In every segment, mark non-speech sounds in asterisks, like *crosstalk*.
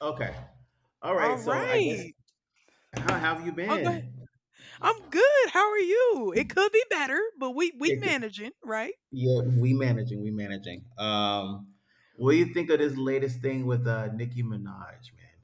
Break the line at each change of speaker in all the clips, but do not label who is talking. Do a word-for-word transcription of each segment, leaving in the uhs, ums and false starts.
Okay. All
All
right. So I guess
right.
how have you
Oh, go ahead.
been?
I'm good. How are you? It could be better, but we we
It, could-
managing, right?
yeah, we managing, we managing. Um, what do you think of this latest thing with uh Nicki Minaj, man?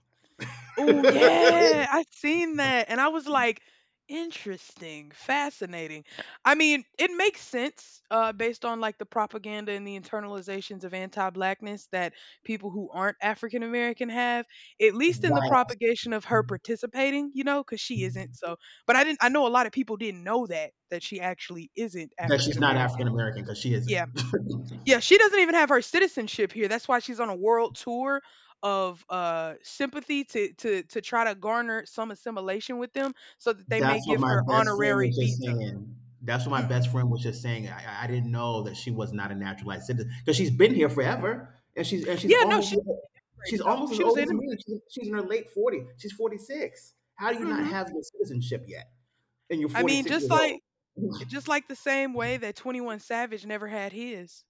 Oh
*laughs*
yeah, I seen that, and I was like, interesting, fascinating. I mean, it makes sense uh, based on like the propaganda and the internalizations of anti-blackness that people who aren't African American have, at least in the
Right.
propagation of her participating, you know, because she isn't. So, but I didn't. I know a lot of people didn't know that that she actually isn't
That
African
she's not African
American.
American because she isn't.
Yeah.
*laughs*
Yeah, she doesn't even have her citizenship here. That's why she's on a world tour of uh sympathy to to to try to garner some assimilation with them so that they may
That's what
give
my
her
best friend
honorary
was just
visa.
saying. That's what my
Hmm.
best friend was just saying. I, I I didn't know that she was not a naturalized citizen because she's been here forever, and she's and she's
Yeah, no, she
almost
immigrated
she's
though.
almost as
She was
old
an
as
immigrant.
me. She's, she's in her late forty. She's forty six. How do you not
Hmm.
have your citizenship yet? And you're
I mean,
forty six
just
years old.
like
*laughs*
just like the same way that 21 Savage never had his.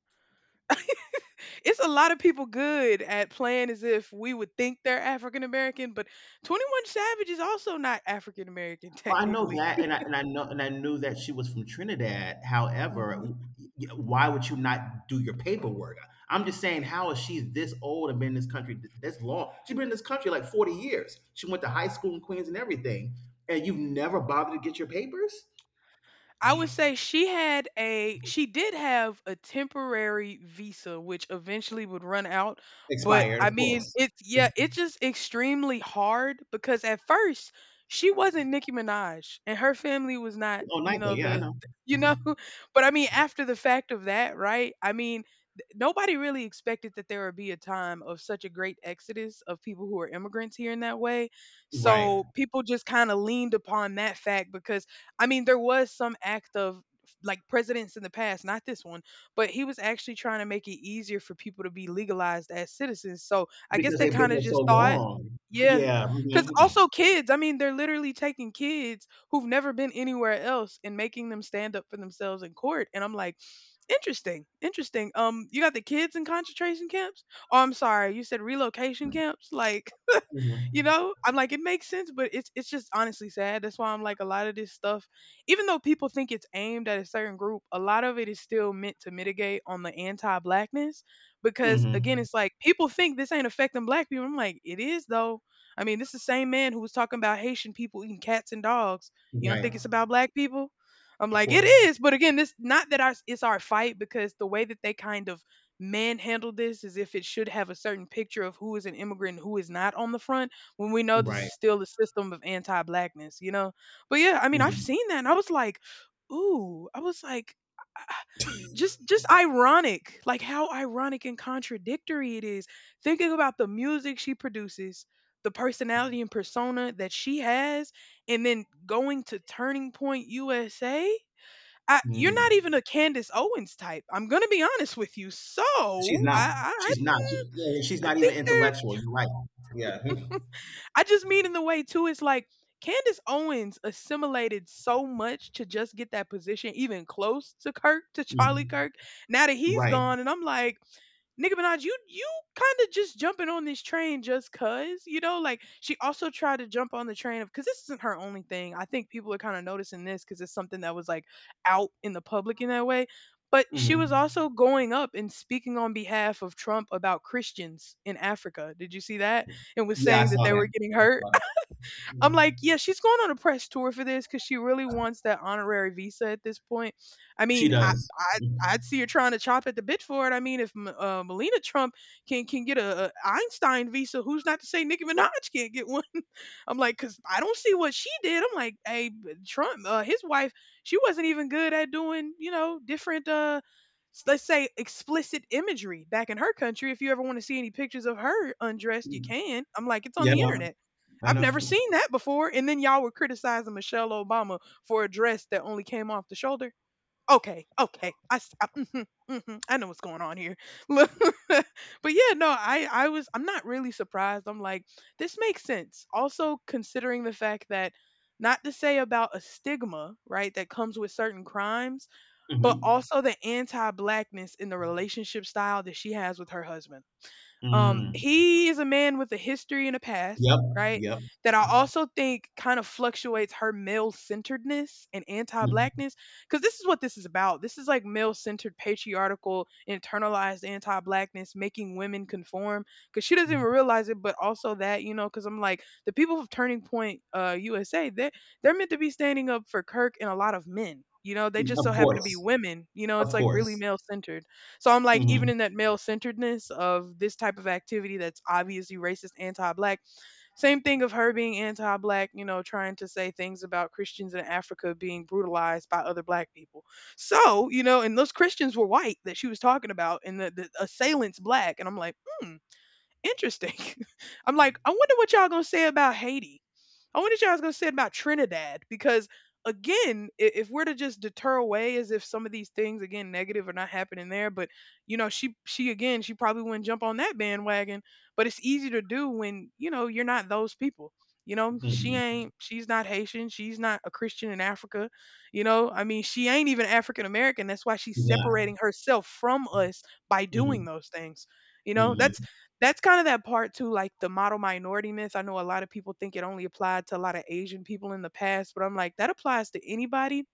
It's a lot of people good at playing as if we would think they're African American, but 21 Savage is also not African American *laughs*
Well, I know
technically.
that, and I and I know and I knew that she was from Trinidad.
Mhm.
However, y- why would you not do your paperwork? I'm just saying, how is she this old and been in this country th- this long? She's been in this country like forty years. She went to high school in Queens and everything, and you've never bothered to get your papers
I would say she had a she did have a temporary visa which eventually would run out, but
expired,
I
of
mean
course.
it's yeah,
*laughs*
it's just extremely hard because at first she wasn't Nicki Minaj and her family was not,
Oh,
you
NICA,
know,
yeah, I
the
know,
you know, *laughs* but I mean after the fact of that, right? I mean th- nobody really expected that there would be a time of such a great exodus of people who are immigrants here in that way.
right?
So people just kind of leaned upon that fact because I mean, there was some act of like presidents in the past, not this one, but he was actually trying to make it easier for people to be legalized as citizens. So I guess
Because
they
they've been
kind of
here so
just thought,
long.
yeah,
Yeah.
because also kids, I mean, they're literally taking kids who've never been anywhere else and making them stand up for themselves in court. And I'm like, interesting, interesting. Um, you got the kids in concentration camps? Oh, I'm sorry, you said relocation camps? Like, you
Hmm,
know, I'm like, it makes sense, but it's it's just honestly sad. That's why I'm like, a lot of this stuff, even though people think it's aimed at a certain group, a lot of it is still meant to mitigate on the anti-blackness. Because again,
hmm.
it's like people think this ain't affecting black people. I'm like, it is though. I mean, this is the same man who was talking about Haitian people eating cats and dogs. You don't think
Right,
it's about black people? I'm
of
like, it
course.
is, but again, this not that our it's our fight because the way that they kind of manhandle this is if it should have a certain picture of who is an immigrant and who is not on the front when we know this is
Right.
still the system of anti-blackness, you know. But yeah, I mean, I've
Mhm.
seen that, and I was like, ooh, I was like, *sighs* ah, just just ironic, like how ironic and contradictory it is. Thinking about the music she produces, the personality and persona that she has, and then going to Turning Point U S A. You're not
Mm.
even a Candace Owens type. I'm gonna be honest with you. So
She's not.
I, I, I
She's not. She- yeah, yeah, she's
I
not
think
even
there.
intellectual. You're right. Yeah. Mhm.
I just mean in the way too. It's like Candace Owens assimilated so much to just get that position, even close to Kirk, to Charlie
Mm.
Kirk. Now that he's
Right.
gone, and I'm like, Nicki Minaj, you you kind of just jumping on this train just cause, you know, like she also tried to jump on the train of because this isn't her only thing. I think people are kind of noticing this because it's something that was like out in the public in that way. But she
Hmm.
was also going up and speaking on behalf of Trump about Christians in Africa. Did you see that? And was
Yeah, I
saying that
saw
they were
that.
getting
I
hurt.
saw that.
I'm
Yeah.
like, yeah, she's going on a press tour for this because she really wants that honorary visa at this point. I
She
mean, I,
does.
I I'd see her trying to chop at the bit for it. I mean, if M- uh, Melina Trump can can get a, a Einstein visa, who's not to say Nicki Minaj can't get one? I'm like, cause I don't see what she did. I'm like, hey, Trump, uh, his wife, she wasn't even good at doing, you know, different, uh, s- let's say explicit imagery back in her country. If you ever want to see any pictures of her undressed, you
Mm.
can. I'm like, it's on
Yeah,
the
no,
internet.
I
I've never
know.
seen that before. And then y'all were criticizing Michelle Obama for a dress that only came off the shoulder. Okay, okay. I s- I, mhm, mhm, I know what's going on here. *laughs* Look, *laughs* but yeah, no, I I was I'm not really surprised. I'm like, this makes sense. Also considering the fact that not to say about a stigma, right, that comes with certain crimes, but
Mm-hmm.
also the anti-blackness in the relationship style that she has with her husband. Um,
Mm.
he is a man with a history and a past,
Yep.
right?
Yep.
That I also think kind of fluctuates her male centeredness and anti
Mm.
blackness. Because this is what this is about. This is like male centered, patriarchal, internalized anti blackness, making women conform. Because she doesn't even
Mm.
realize it, but also that, you know, because I'm like, the people of Turning Point uh, U S A, they're, they're meant to be standing up for Kirk and a lot of men. You know, they just
Of
so happen to be
course.
women. You know,
Of
it's like really
course.
male centered. So I'm like, even
Mm-hmm.
in that male centeredness of this type of activity that's obviously racist, anti black, same thing of her being anti black, you know, trying to say things about Christians in Africa being brutalized by other black people. So, you know, and those Christians were white that she was talking about, and the, the assailant's black. And I'm like, hmm, interesting. *laughs* I'm like, I wonder what y'all gonna say about Haiti. I wonder what y'all was gonna say about Trinidad because again, i- if we're to just deter away as if some of these things again negative are not happening there, but you know she she again she probably wouldn't jump on that bandwagon, but it's easy to do when you know you're not those people. You know she
Mm-hmm.
ain't she's not Haitian, she's not a Christian in Africa. You know I mean she ain't even African American. That's why she's
She's not.
separating herself from us by doing
Mm-hmm.
those things. You know that's
Mm-hmm.
that's kind of that part too, like the model minority myth. I know a lot of people think it only applied to a lot of Asian people in the past, but I'm like, that applies to anybody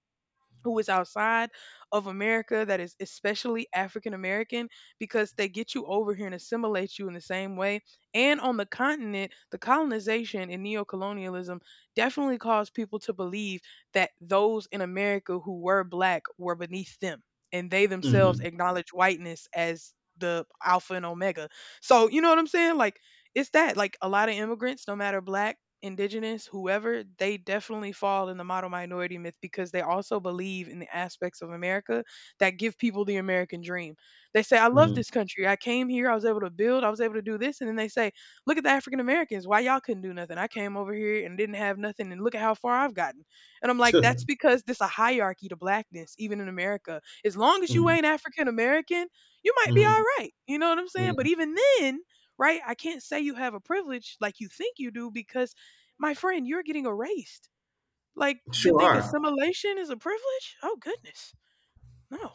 who is outside of America that is especially African American because they get you over here and assimilate you in the same way. And on the continent, the colonization and neocolonialism definitely caused people to believe that those in America who were black were beneath them and they themselves
Mm-hmm.
acknowledge whiteness as the alpha and omega. So, you know what I'm saying? Like, it's that like a lot of immigrants, no matter black indigenous, whoever, they definitely fall in the model minority myth because they also believe in the aspects of America that give people the American dream. They say, I love
Mm.
this country. I came here, I was able to build, I was able to do this. And then they say, look at the African Americans. Why y'all couldn't do nothing? I came over here and didn't have nothing. And look at how far I've gotten. And I'm like, that's
Tuh.
because there's a hierarchy to blackness, even in America. As long as you
Mm.
ain't African American, you might be
Mm.
all right. You know what I'm saying?
Mm.
But even then, right? I can't say you have a privilege like you think you do because my friend, you're getting erased. Like, you
Sure
think
are.
assimilation is a privilege? Oh, goodness. No,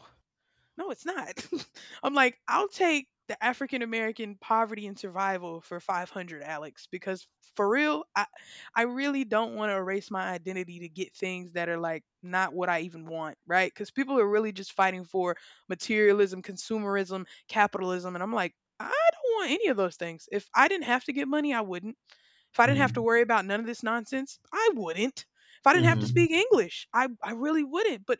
no, it's not. *laughs* I'm like, I'll take the African American poverty and survival for five hundred, Alex, because for real, I, I really don't want to erase my identity to get things that are like not what I even want, right? Because people are really just fighting for materialism, consumerism, capitalism. And I'm like, I don't want any of those things. If I didn't have to get money, I wouldn't. If I didn't have to
Mm.
worry about none of this nonsense, I wouldn't. If I didn't have to
Mm-hmm.
speak English, I, I really wouldn't. But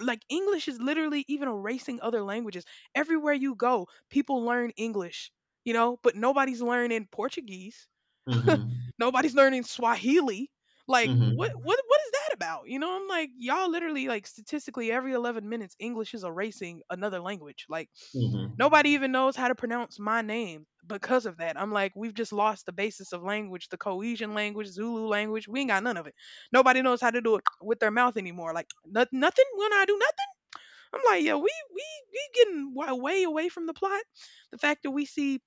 like English is literally even erasing other languages. Everywhere you go, people learn English, you know, but nobody's learning Portuguese.
Mm-hmm.
Nobody's learning Swahili. Like what
Mm-hmm.
what what is that about? You know, I'm like y'all literally like statistically every eleven minutes English is erasing another language. Like
Mm-hmm.
nobody even knows how to pronounce my name because of that. I'm like, we've just lost the basis of language, the cohesion language, Zulu language. We ain't got none of it. Nobody knows how to do it with their mouth anymore. Like noth- nothing. When I do nothing, I'm like, yeah, we we we getting wa- way away from the plot. The fact that we see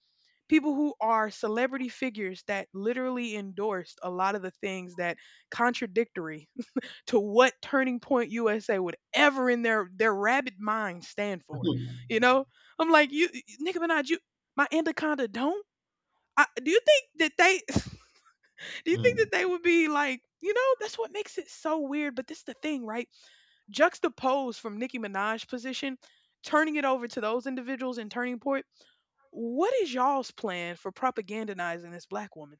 people who are celebrity figures that literally endorsed a lot of the things that contradictory to what Turning Point U S A would ever in their their rabid mind stand for.
Mm-hmm.
You know, I'm like you, Nicki Minaj. You, my Anaconda don't. I, do you think that they? *laughs* Do you think
Mm,
that they would be like? You know, that's what makes it so weird. But this is the thing, right? Juxtaposed from Nicki Minaj's position, turning it over to those individuals in Turning Point. What is y'all's plan for propagandizing this black woman?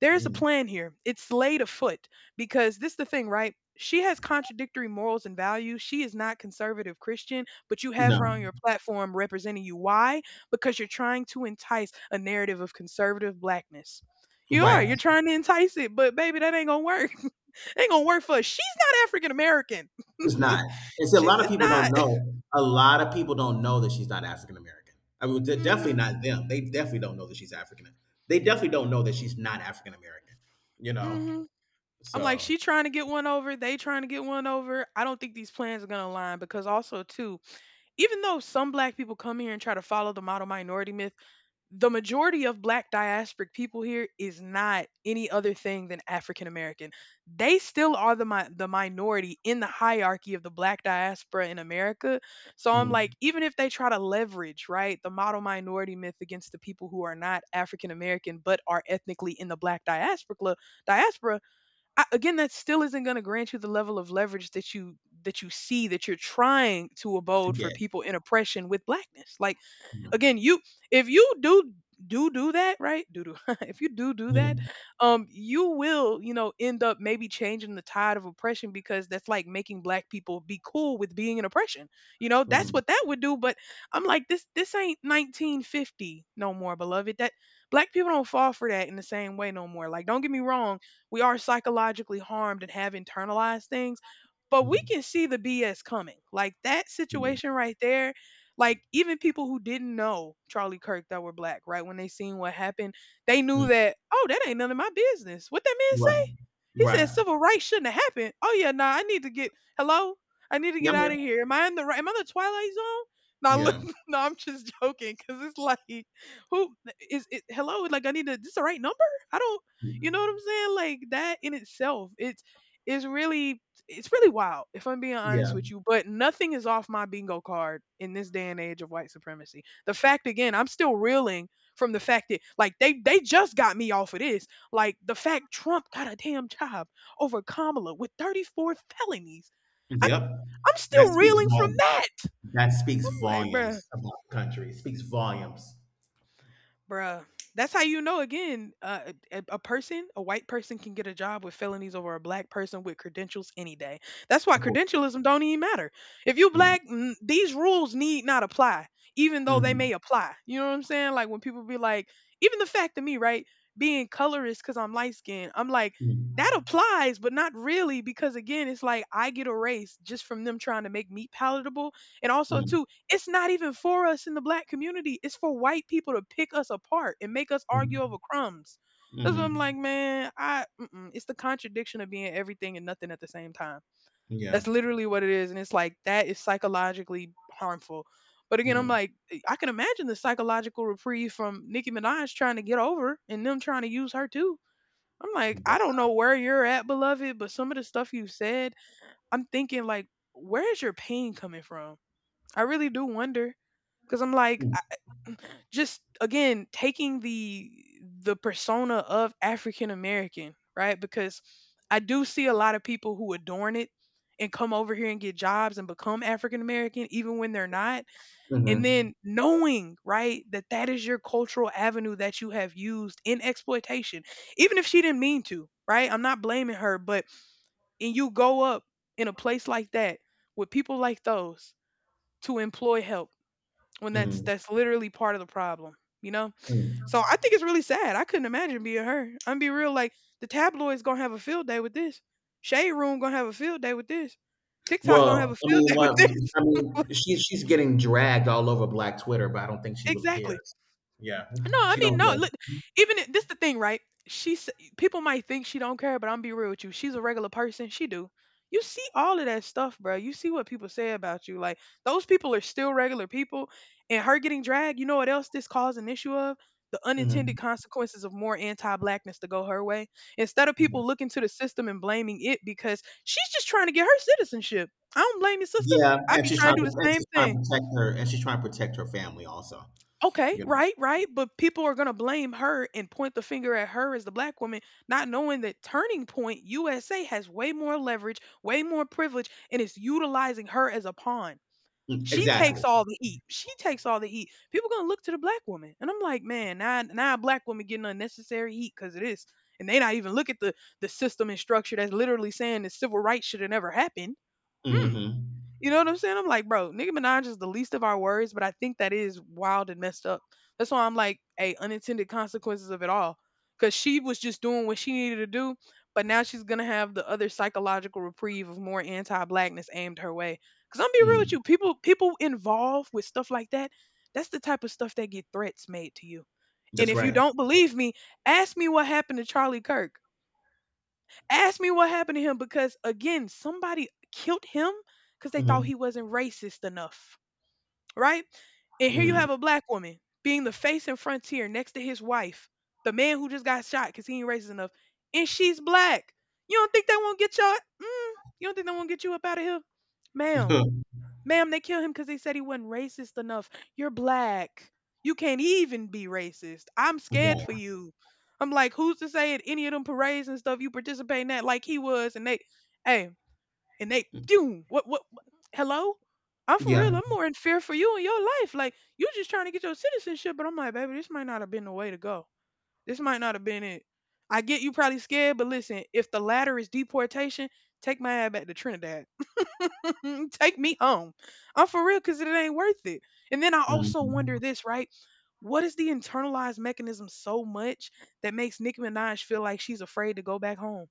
There's a
mm.
plan here. It's laid afoot because this is the thing, right? She has contradictory morals and values. She is not conservative Christian, but you have her on
No.
your platform representing you. Why? Because you're trying to entice a narrative of conservative blackness. You are.
Right.
You're trying to entice it, but baby, that ain't gonna work. *laughs* Ain't gonna work for us. She's not African American.
She's not. And
*laughs*
see, a
She's
lot of
it's
people
not.
don't know. A lot of people don't know that she's not African American. I mean, de- definitely
Mhm.
not them. They definitely don't know that she's African. They definitely don't know that she's not African American. You know.
Mhm. I'm like
So
she trying to get one over, they trying to get one over. I don't think these plans are going to align because also too, even though some black people come here and try to follow the model minority myth, the majority of black diasporic people here is not any other thing than African American. They still are the mi- the minority in the hierarchy of the black diaspora in America. So I'm like,
mm,
even if they try to leverage, right, the model minority myth against the people who are not African American but are ethnically in the black diaspora, diaspora I, again that still isn't going to grant you the level of leverage that you that you see that you're trying to
to
abode for
get.
people in oppression with blackness. Like
Mm,
again, you if you do do do that, right? Do do *laughs* if you do do that,
mm,
um, you will, you know, end up maybe changing the tide of oppression because that's like making black people be cool with being in oppression. You know, that's
mm,
what that would do. But I'm like, this this ain't nineteen fifty no more, beloved. That black people don't fall for that in the same way no more. Like, don't get me wrong, we are psychologically harmed and have internalized things, but we
mm,
can see the B S coming. Like that
mm,
situation right there, like even people who didn't know Charlie Kirk that were black, right? When they seen what happened, they knew
mm.
that, oh, that ain't none of my business. What that man
Right.
say? He said
Right.
civil rights shouldn't have happened. Oh yeah, nah, I need to get hello. I need to
Yeah.
get
I'm
out
here.
of here. Am I in the right am I in the twilight zone? No, look,
Yeah.
*laughs* no, I'm just joking because it's like, who is it? Hello, like I need to. This the right number? I don't. You know what I'm saying? Like that in itself, it's it's really it's really wild, if I'm being
Yeah.
honest with you, but nothing is off my bingo card in this day and age of white supremacy. The fact again, I'm still reeling from the fact that like they they just got me off of this. Like the fact Trump got a damn job over Kamala with thirty-four felonies. I,
Yep.
I'm
That
still
speaks
reeling from
volumes.
that.
That speaks
I'm like, bruh.
volumes about the country. It speaks volumes.
Bruh. That's how you know again, uh, a, a person, a white person can get a job with felonies over a black person with credentials any day. That's why
Of course.
credentialism don't even matter. If you
Mm,
black, mm, these rules need not apply, even though they
mm.
may apply. You know what I'm saying? Like when people be like, even the fact of me, right, being colorist because I'm light skinned, I'm like,
Mm,
that applies, but not really, because again, it's like I get a race just from them trying to make meat palatable. And also,
mm,
too, it's not even for us in the black community. It's for white people to pick us apart and make us argue
mm,
over crumbs. That's what I'm like,
mhm,
man. I mm-mm. It's the contradiction of being everything and nothing at the same time.
yeah,
That's literally what it is, and it's like that is psychologically harmful. But again, I'm
mhm,
like, eh, I can imagine the psychological reprieve from Nicki Minaj trying to get over and them trying to use her too. I'm like,
wow,
I don't know where you're at, beloved, but some of the stuff you said, I'm thinking like, where is your pain coming from? I really do wonder because I'm like,
mm,
I, just again taking the the persona of African American, right? Because I do see a lot of people who adorn it and come over here and get jobs and become African American, even when they're not. And
mhm,
then knowing, right, that that is your cultural avenue that you have used in exploitation, even if she didn't mean to, right? I'm not blaming her, but and you go up in a place like that with people like those to employ help when that's
mhm,
that's literally part of the problem, you know. So
mhm.
I think it's really sad. I couldn't imagine being her. I'm be real. Like the tabloids gonna have a field day with this, shade room gonna have a field day with this, TikTok gonna
Well,
have a
I
field
mean,
day with
what
this.
I mean, she's she's getting dragged all over Black Twitter, but I don't think
*laughs*
she really
Exactly.
cares. Yeah,
No, I
she
mean,
don't
no.
care.
Look, even if, this the thing, right? She s- people might think she don't care, but I'm be real with you. She's a regular person. She do. You see all of that stuff, bro. You see what people say about you. Like those people are still regular people. And her getting dragged, you know what else this caused an issue of? The unintended
Mhm.
consequences of more anti-blackness to go her way. Instead of
Yeah.
people looking to the system and blaming it because she's just trying to get her citizenship. I don't blame you, sister.
Yeah,
I'd
and
be
she's
trying
trying
to do the
to and
same
she's trying
thing.
to protect her, and she's trying to protect her family also.
Okay,
You know.
right, right. But people are going to blame her and point the finger at her as the black woman, not knowing that Turning Point U S A has way more leverage, way more privilege, and it's utilizing her as a pawn.
Mm,
She
exactly.
takes all the heat. She takes all the heat. People going to look to the black woman. And I'm like, man, now, now a black woman getting unnecessary heat because of this. And they not even look at the, the system and structure that's literally saying the civil rights should have never happened. Hmm.
Mm-hmm.
You know what I'm saying? I'm like, bro, Nicki Minaj is the least of our worries, but I think that is wild and messed up. That's why I'm like, hey, unintended consequences of it all. Cause she was just doing what she needed to do, but now she's gonna have the other psychological reprieve of more anti-blackness aimed her way. Cause I'm be real with
Mm,
you, people people involved with stuff like that, that's the type of stuff that get threats made to you. And
that's
if you
right.
don't believe me, ask me what happened to Charlie Kirk. Ask me what happened to him because again, somebody killed him because they thought
Mm-hmm.
he wasn't racist enough, right? And here you
Mm.
have a black woman being the face and frontier next to his wife, the man who just got shot because he ain't racist enough, and she's black. You don't think they won't get your? Mm, you don't think they won't get you up out of here, ma'am?
*laughs*
Ma'am, they killed him because they said he wasn't racist enough. You're black. You can't even be racist. I'm scared for
Right.
you. I'm like, who's to say at any of them parades and stuff you participate in that like he was and they hey and they
Mm,
doom what what what- hello? I'm for
yeah.
real. I'm more in fear for you and your life. Like you just trying to get your citizenship, but I'm like, baby, this might not have been the way to go. This might not have been it. I get you probably scared, but listen, if the latter is deportation, take my ass back to Trinidad. Mm, take me home. I'm for real because it ain't worth it. And then I also wonder
Hmm.
this, right? What is the internalized mechanism so much that makes Nicki Minaj feel like she's afraid to go back home?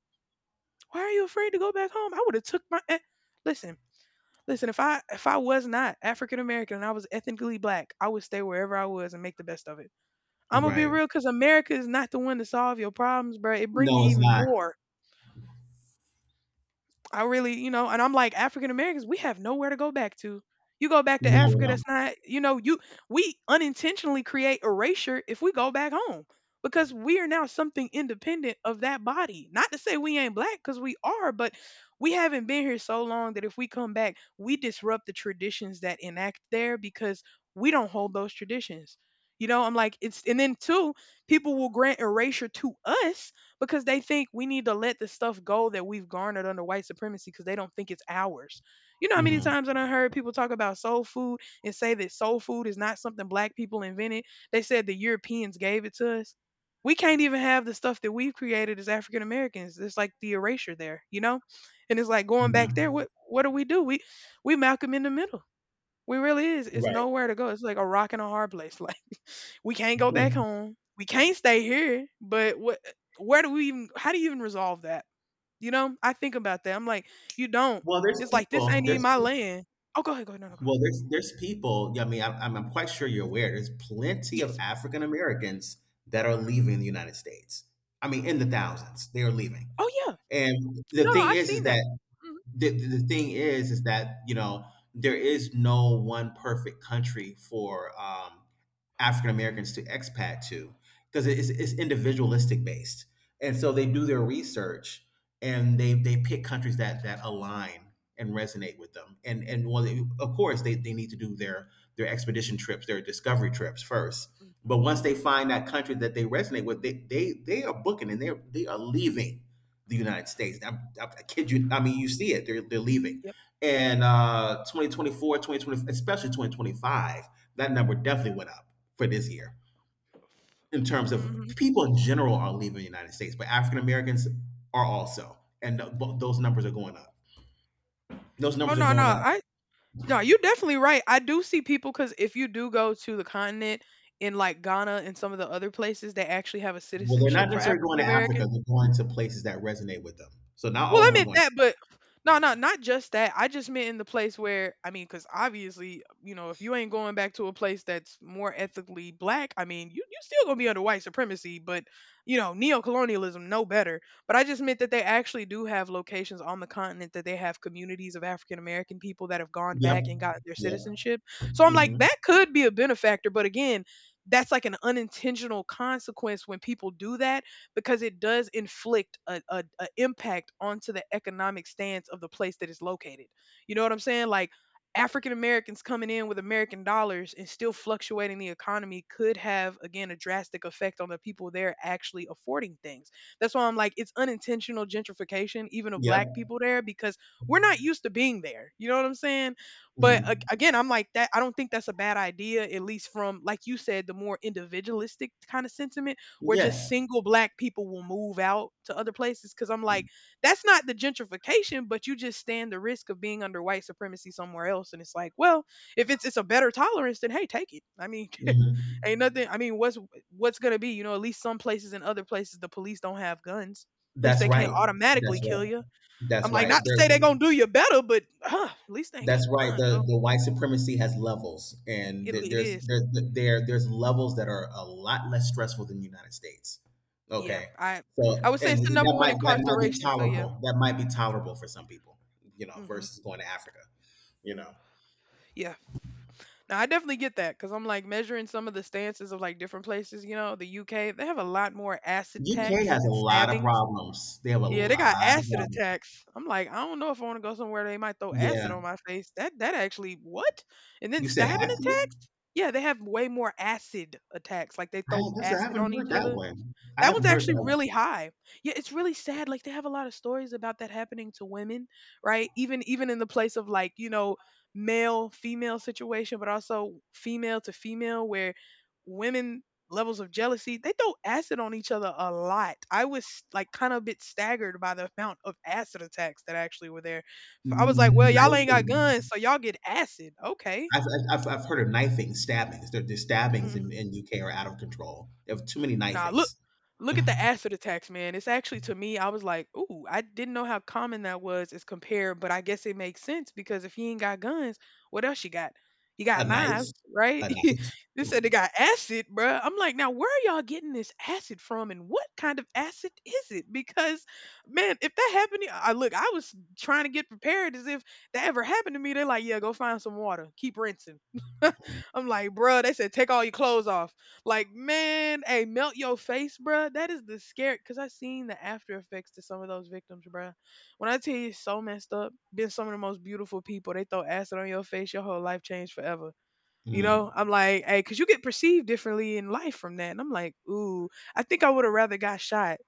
Why are you afraid to go back home? I would have took my eh, listen, listen. If I if I was not African American and I was ethnically black, I would stay wherever I was and make the best of it. I'm gonna be
Right.
real because America is not the one to solve your problems, bro. It bring
No,
you
it's
even
not.
more. I really, you know, and I'm like African Americans, we have nowhere to go back to. You go back to
No,
Africa,
no.
that's not, you know, you we unintentionally create erasure if we go back home because we are now something independent of that body. Not to say we ain't black because we are, but we haven't been here so long that if we come back, we disrupt the traditions that enact there because we don't hold those traditions. You know, I'm like it's and then two, people will grant erasure to us because they think we need to let the stuff go that we've garnered under white supremacy because they don't think it's ours. You know how many
Mm-hmm.
times I done heard people talk about soul food and say that soul food is not something black people invented. They said the Europeans gave it to us. We can't even have the stuff that we've created as African Americans. It's like the erasure there, you know? And it's like going back there,
Mm-hmm.
what what do we do? We we Malcolm in the middle. We really is. It's
Right.
nowhere to go. It's like a rock and a hard place. *laughs* Like we can't go back
Hmm.
home. We can't stay here. But what? Where do we even? How do you even resolve that? You know, I think about that. I'm like, you don't.
Well, there's
It's like this
people.
ain't even
There's
my
people.
land. Oh, go ahead, go ahead, no, no, go ahead.
Well, there's there's people. Yeah, I mean, I'm, I'm I'm quite sure you're aware. There's plenty of
Yes.
African Americans that are leaving the United States. I mean, in the thousands, they are leaving.
Oh yeah.
And the
No, no,
thing
I've
is, is
seen that.
that the, the thing is is that you know there is no one perfect country for um African Americans to expat to, because it's, it's individualistic based. And so they do their research, and they, they pick countries that, that align and resonate with them. And, and well, they- of course, they, they need to do their, their expedition trips, their discovery trips first.
Mhm,
But
mhm,
once they
mhm.
find that country that they resonate with, they, they, they are booking, and they they are leaving the United States. I, I, I kid you. I mean, you see it, they're, they're leaving.
Yep.
And uh, twenty twenty-four, especially twenty twenty-five, that number definitely went up for this year in terms of
Mhm.
people in general are leaving the United States, but African Americans are also, and th- bo- those numbers are going up. Those
Oh
numbers are
no,
going
no,
up.
I no, you're definitely right. I do see people because if you do go to the continent in like Ghana and some of the other places, they actually have a
Well, they're
citizenship
not
for
necessarily
African
going to Africa;
Americans.
they're going to places that resonate with them. So not
Well,
all of
I
them are
meant
going.
that, but no, no, not just that. I just meant in the place where I mean, because obviously, you know, if you ain't going back to a place that's more ethically black, I mean, you you still gonna be under white supremacy, but you know, neo-colonialism, no better. But I just meant that they actually do have locations on the continent that they have communities of African American people that have gone
Yep.
back and gotten their
Yep.
citizenship. So I'm like,
Hmm.
that could be a benefactor, but again. That's like an unintentional consequence when people do that because it does inflict a, a, a impact onto the economic stance of the place that it's located. You know what I'm saying? Like African Americans coming in with American dollars and still fluctuating the economy could have again a drastic effect on the people there actually affording things. That's why I'm like it's unintentional gentrification even of
Yep.
black people there because we're not used to being there. You know what I'm saying? But
Mhm.
a- again, I'm like that. I don't think that's a bad idea, at least from, like you said, the more individualistic kind of sentiment where just
Yes.
single black people will move out to other places because I'm like, that's not the gentrification, but you just stand the risk of being under white supremacy somewhere else. And it's like, well, if it's it's a better tolerance, then hey, take it. I mean, *laughs*
Hmm.
ain't nothing. I mean, what's what's gonna be? You know, at least some places and other places the police don't have guns. At least
That's
they can't
right.
automatically
That's
kill
right.
you. I'm
That's
like,
right.
not to say
they
they gonna do you better, but uh, at least they ain't got
That's
a
right.
gun
The
though.
the white supremacy has levels, and
It
th-
it
there's
is.
there, there there's levels that are a lot less stressful than the United States.
Yeah,
Okay,
I I
so
would say it's
and
the number
that
one
might that might be
incarceration. So yeah.
tolerable. That might be tolerable for some people, you know,
Yeah. Hmm.
versus going to Africa. You know,
Yeah. Now I definitely get that because I'm like measuring some of the stances of like different places. You know, the U K they have a lot more acid
U K
attacks
has a
and
lot of
stabbings.
problems. They have a
Yeah, they got
lot of
acid
problems.
attacks. I'm like, I don't know if I want to go somewhere they might throw acid on
Yeah,
my face. That that actually what? And then
you said
stabbing
Africa.
attacks? Yeah, they have way more acid attacks. Like they
I
throw
guess I
acid
haven't
on each
heard that
other.
one. I
That one's
haven't heard
actually
that one.
really high. Yeah, it's really sad. Like they have a lot of stories about that happening to women, right? Even even in the place of like, you know, male female situation, but also female to female where women levels of jealousy, they throw acid on each other a lot. I was like kind of a bit staggered by the amount of acid attacks that actually were there. I was like, well, y'all ain't got
Knifing.
guns, so y'all get acid. Okay.
I've, I've, I've heard of knifing, stabbings. The, the stabbings in,
Hmm.
in U K are out of control. They have too many
Nah, look
knifings.
look at the acid attacks, man. It's actually to me, I was like, ooh, I didn't know how common that was as compared, but I guess it makes sense because if he ain't got guns, what else you got? You
A
got knives,
knife,
right?
a knife.
*laughs* They said they got acid, bruh. I'm like, now where are y'all getting this acid from and what kind of acid is it? Because man, if that happened, to- I look, I was trying to get prepared as if that ever happened to me. They're like, yeah, go find some water. Keep rinsing. *laughs*
Mm,
I'm like, bruh, they said, take all your clothes off. Like, man, hey, melt your face, bruh. That is the scary because I seen the after effects to some of those victims, bruh. When I tell you it's so messed up, been some of the most beautiful people, they throw acid on your face, your whole life changed forever. You know,
mm,
I'm like, hey, because you get perceived differently in life from that. And I'm like, ooh, I think I would have rather got shot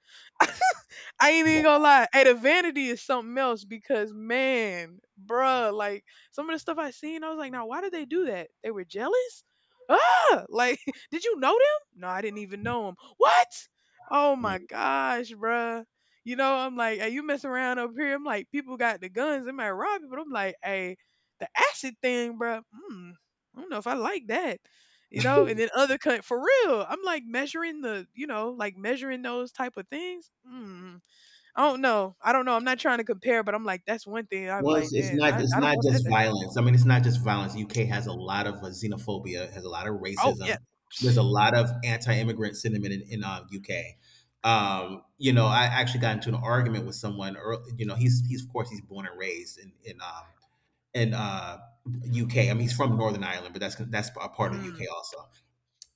I ain't even
wow.
gonna lie. Hey, the vanity is something else because man, bruh, like some of the stuff I seen, I was like, now why did they do that? They were jealous? Ah, like, *laughs* did you know them? No, I didn't even know them. What? Oh my
Mm.
gosh, bruh. You know, I'm like, hey, you mess around up here. I'm like, people got the guns. They might rob you, but I'm like, hey, the acid thing, bruh. Mm, I don't know if I like that. You know, and then other cut for real. I'm like measuring the, you know, like measuring those type of things. Mm I don't know. I don't know. I'm not trying to compare, but I'm like, that's one thing I'm
Well, it's,
like,
it's
"Damn,
not.
I
It's
I don't
not
want that
just
to happen."
violence. I mean, it's not just violence. U K has a lot of uh, xenophobia. Has a lot of
Oh, yeah.
racism. There's a
*sniffs*
lot of anti-immigrant sentiment in, in uh, U K. Um, you know, I actually got into an argument with someone. Early, you know, he's he's of course he's born and raised in in um, in uh, U K. I mean, he's from Northern Ireland, but that's that's a part of the
Mm.
U K also,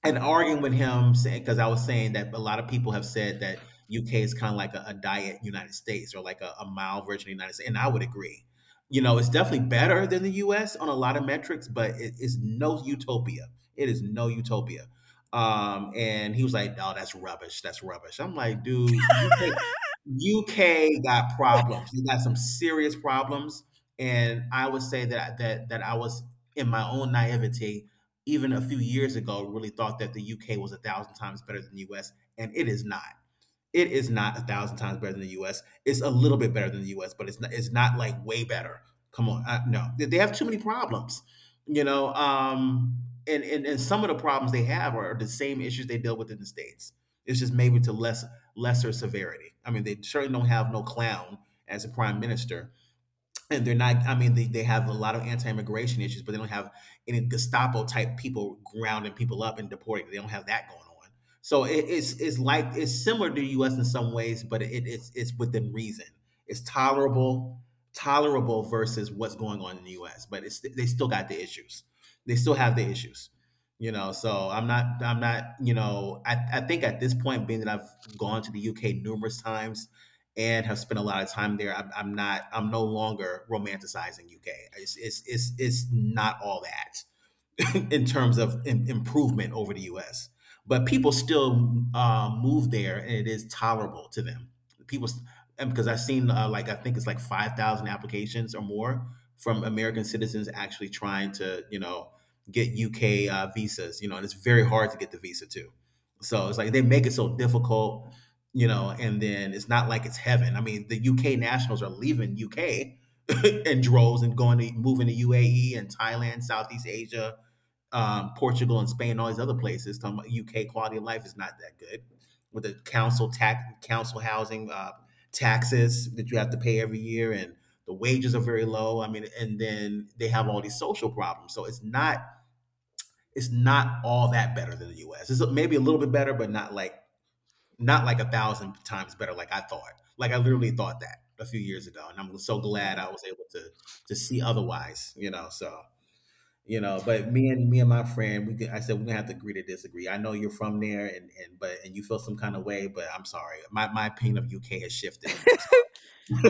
and
Mhm. Mm.
arguing with him saying because I was saying that a lot of people have said that U K is kind of like a, a diet United States, or like a, a mild version of the United States, and I would agree. You know, it's definitely better than the U S on a lot of metrics, but it is no utopia. It is no utopia. Um, and he was like, "No, that's rubbish. That's rubbish." I'm like, "Dude, U K,
Mhm. *laughs*
U K got problems. They got some serious problems." And I would say that that that I was in my own naivety even a few years ago really thought that the U K was a thousand times better than the U S, and it is not. It is not a thousand times better than the U S. It's a little bit better than the U S, but it's not, it's not like way better. Come on, I, no, They- they have too many problems, you know. Um, and, and and some of the problems they have are the same issues they deal with in the states. It's just maybe to less lesser severity. I mean, they certainly don't have no clown as a prime minister, and they're not, I mean, they, they have a lot of anti-immigration issues, but they don't have any gestapo type people grounding people up and deporting. They don't have that going on. So it, it's it's like it's similar to the US in some ways, but it, it's it's within reason. It's tolerable tolerable versus what's going on in the US, but it's they still got the issues. They still have the issues, you know. So i'm not i'm not you know i, I think at this point, being that I've gone to the UK numerous times and have spent a lot of time there. I'm, I'm not. I'm no longer romanticizing U K. It's it's it's, it's not all that. *laughs* In terms of im- improvement over the U S. But people still uh, move there, and it is tolerable to them. People, s- and because I've seen uh, like I think it's like five thousand applications or more from American citizens actually trying to you know get U K uh, visas. You know, and it's very hard to get the visa too. So it's like they make it so difficult. You know, and then it's not like it's heaven. I mean, the U K nationals are leaving U K *laughs* in droves and going to moving to U A E and Thailand, Southeast Asia, um, Portugal and Spain, all these other places. Talking about U K quality of life is not that good with the council tax, council housing uh, taxes that you have to pay every year, and the wages are very low. I mean, and then they have all these social problems. So it's not it's not all that better than the U S. It's maybe a little bit better, but not like not like a thousand times better. Like I thought. Like I literally thought that a few years ago, and I'm so glad I
*laughs*
was able to to see otherwise. You know, so you know, but me and me and my friend, we could, I said we're gonna have to agree to disagree. I know you're from there, and and but and you feel some kind of way, but I'm sorry, my my opinion of U K has shifted. I'm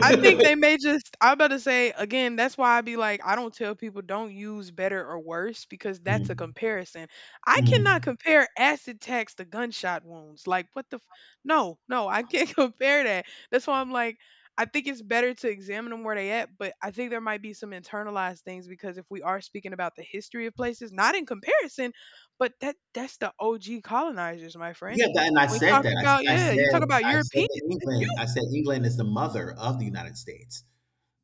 I think
*laughs*
they may just I'm about to say again, that's why I be like, I don't tell people don't use better or worse because that's a
Mm,
comparison. I cannot
mm.
compare acid attacks to gunshot wounds. Like what the f- no, no, I can't *laughs* compare that. That's why I'm like, I think it's better to examine them where they at, but I think there might be some internalized things because if we are speaking about the history of places, not in comparison, but that that's the O G colonizers, my friend.
Yeah, that, and I
When you
said
talk
that.
about
I, I
yeah, you talk
said
about
I said
Europeans.
that England. I said England is the mother of the United States.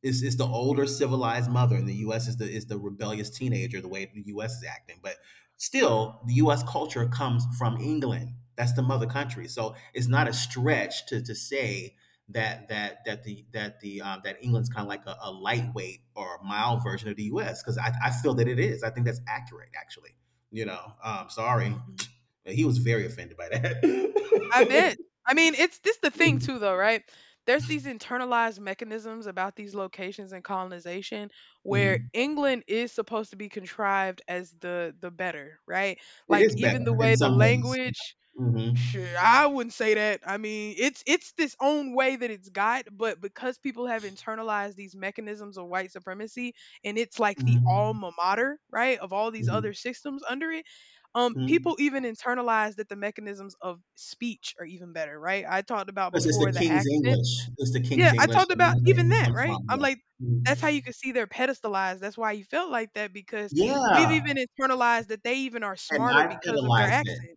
It's, it's the older civilized mother, and the U S is the is the rebellious teenager. The way the U S is acting, but still, the U S culture comes from England. That's the mother country. So it's not a stretch to to say that that that the that the um, that England's kind of like a, a lightweight or a mild version of the U S. Because I, I feel that it is. I think that's accurate, actually. You know, um, sorry,
嗯哼。
he was very offended by
I bet.
that. *laughs*
I mean, it's this the thing too though, right? There's these internalized mechanisms about these locations and colonization where
Mhm.
England is supposed to be contrived as the the better, right?
It
Like
is
even the
better in
way the
some ways.
language
Hmm.
sure, I wouldn't say that. I mean, it's it's this own way that it's got, but because people have internalized these mechanisms of white supremacy, and it's like the
Hmm.
alma mater, right, of all these
Mhm.
other systems under it. Um,
Mhm.
people even internalize that the mechanisms of speech are even better, right? I talked about
'Cause it's
before
the
the
King's
accents.
English. It's the King's
Yeah, I
English,
talked
and
about
that's where
even
English
that,
comes
right?
from,
I'm
yeah.
like, that's how
Mhm.
you can see they're pedestalized. That's why you felt like that because
Yeah,
we've even internalized that they even are
and
smarter
I
because of their
pedestalized it,
accent.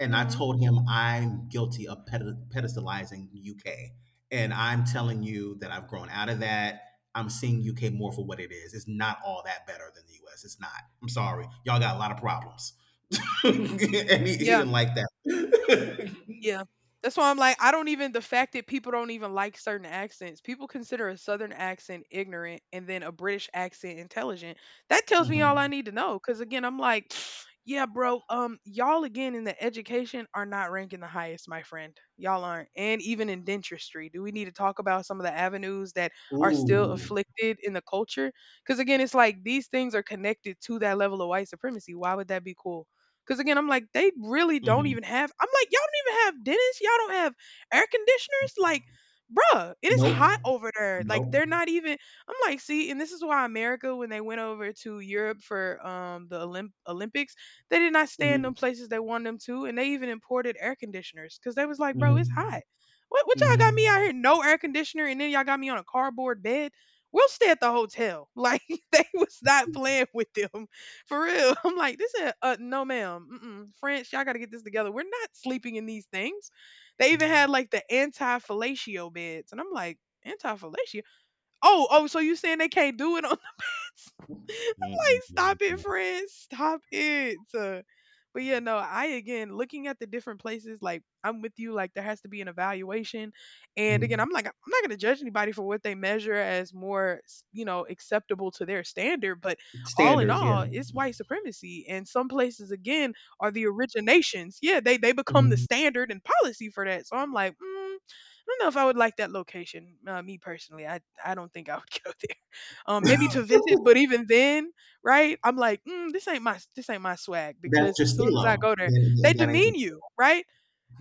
and I
Mhm.
told him, "I'm guilty of ped pedestalizing U K, and I'm telling you that I've grown out of that. I'm seeing U K more for what it is. It's not all that better than the U S. It's not. I'm sorry. Y'all got a lot of problems." *laughs* And he he
Yeah.
didn't like that. *laughs*
Yeah. That's why I'm like, I don't even, the fact that people don't even like certain accents, people consider a Southern accent ignorant and then a British accent intelligent. That tells me all I
Mhm.
need to know. Cause again, I'm like, *sniffs* yeah, bro, um, y'all again in the education are not ranking the highest, my friend. Y'all aren't. And even in dentistry, do we need to talk about some of the avenues that are still
Ooh.
afflicted in the culture? Cause again, it's like these things are connected to that level of white supremacy. Why would that be cool? Because again, I'm like, they really don't
Mhm.
even have. I'm like, y'all don't even have dentists. Y'all don't have air conditioners. Like, bruh, it is
Nope.
hot over there. Like,
Nope.
they're not even. I'm like, see, and this is why America, when they went over to Europe for um the Olymp- Olympics, they did not stay in
Mhm.
them places they wanted them to, and they even imported air conditioners because they was like, bro, it's
Mhm.
hot. What, what y'all got me out
Mhm.
here no air conditioner, and then y'all got me on a cardboard bed. We'll stay at the hotel. *laughs* Like they was not playing with them. For real. *laughs* I'm like, this is uh no ma'am. Mm-mm. French, y'all gotta get this together. We're not sleeping in these things. They even had like the anti fellatio beds. And I'm like, anti fellatio? Oh, oh, so you saying they can't do it like, stop
Mm.
it, friends, stop it. Uh, but yeah, no, I again looking at the different places, like I'm with you, like there has to be an evaluation. And again, I'm like, I'm not gonna judge anybody for what they measure as more, s- you know, acceptable to their standard, but all in
Standards,
all,
yeah.
it's white supremacy. And some places again are the originations. Yeah, they they become the
Mhm.
standard and policy for that. So I'm like, mm, I don't know if I would like that location. Uh, me personally, I I don't think I would *laughs* go um, maybe to visit. But
*laughs*
even then, right? I'm like, mm, this ain't my this ain't my swag
That ain't
because
your
as soon as I
stilo.
go there,
That,
they
that that ain't
demean
your
you, right?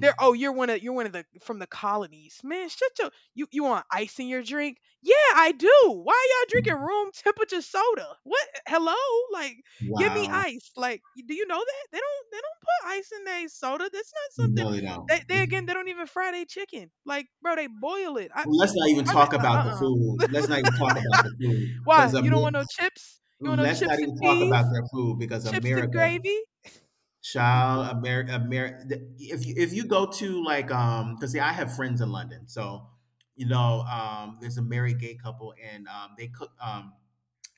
They're oh you're one of you're one of the from the colonies, man. Shut your you you want ice in your drink? Yeah, I do. Why y'all drinking room temperature soda? What? Hello, like give me
wow.
ice. Like y- do you know that they don't they don't put ice in their soda? That's not something.
No, they
They, they again
don't.
they don't even fry their chicken. Like bro, they boil it. I
Well, let's not even
I mean
talk about
uh
the
uh
food. Let's not even talk about the food
why? You don't want no
because
chips? You want no
let's not
chips and
even talk about
peas?
their food, because
Chips and
America,
gravy?
child, America, America. If you if you go to like um, because see, I have friends in London, so you know um, there's a married gay couple, and um, they cook um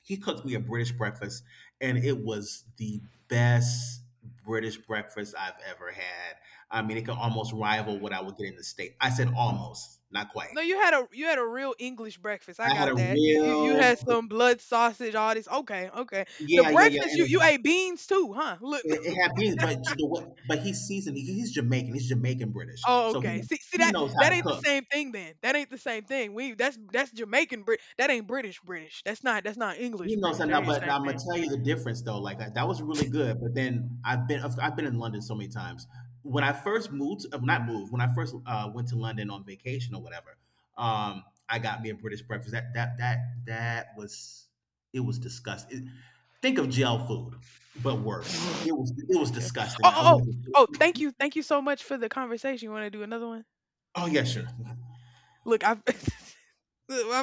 he cooked me a British breakfast, and it was the best British breakfast I've ever had. I mean, it could almost rival what I would get in the state. I said almost, not quite.
No, you had a you had a real English breakfast. I
I had
got
a
that. You you, you had
real,
some blood sausage, all this. Okay, okay. The
yeah, yeah, yeah,
breakfast you you
and
ate beans too, huh? Look.
it, it
*laughs*
had beans, but you know what? But he's seasoned. He's Jamaican. He's Jamaican British,
Oh,
so he
okay. See see
he
that
knows how
that
to
ain't the
cook.
same thing then. That ain't the same thing. We that's that's Jamaican Brit. That ain't British British. That's not that's not English
You know, so
British. That
now,
ain't the
but
same
I'm gonna
thing. *laughs*
tell you the difference though. Like that, that was really good. But then I've been I've been in London so many times. When I first moved, uh, not moved. When I first uh, went to London on vacation or whatever, um, I got me a British breakfast. That that that that was it was disgusting. It- think of jail food, but worse. It was
*sniffs*
it was
That's it. Oh
disgusting.
oh
I
oh
wanted.
oh. Thank you thank you so much for the conversation. You want to do another one?
Oh yeah,
She
sure.
look I. *laughs*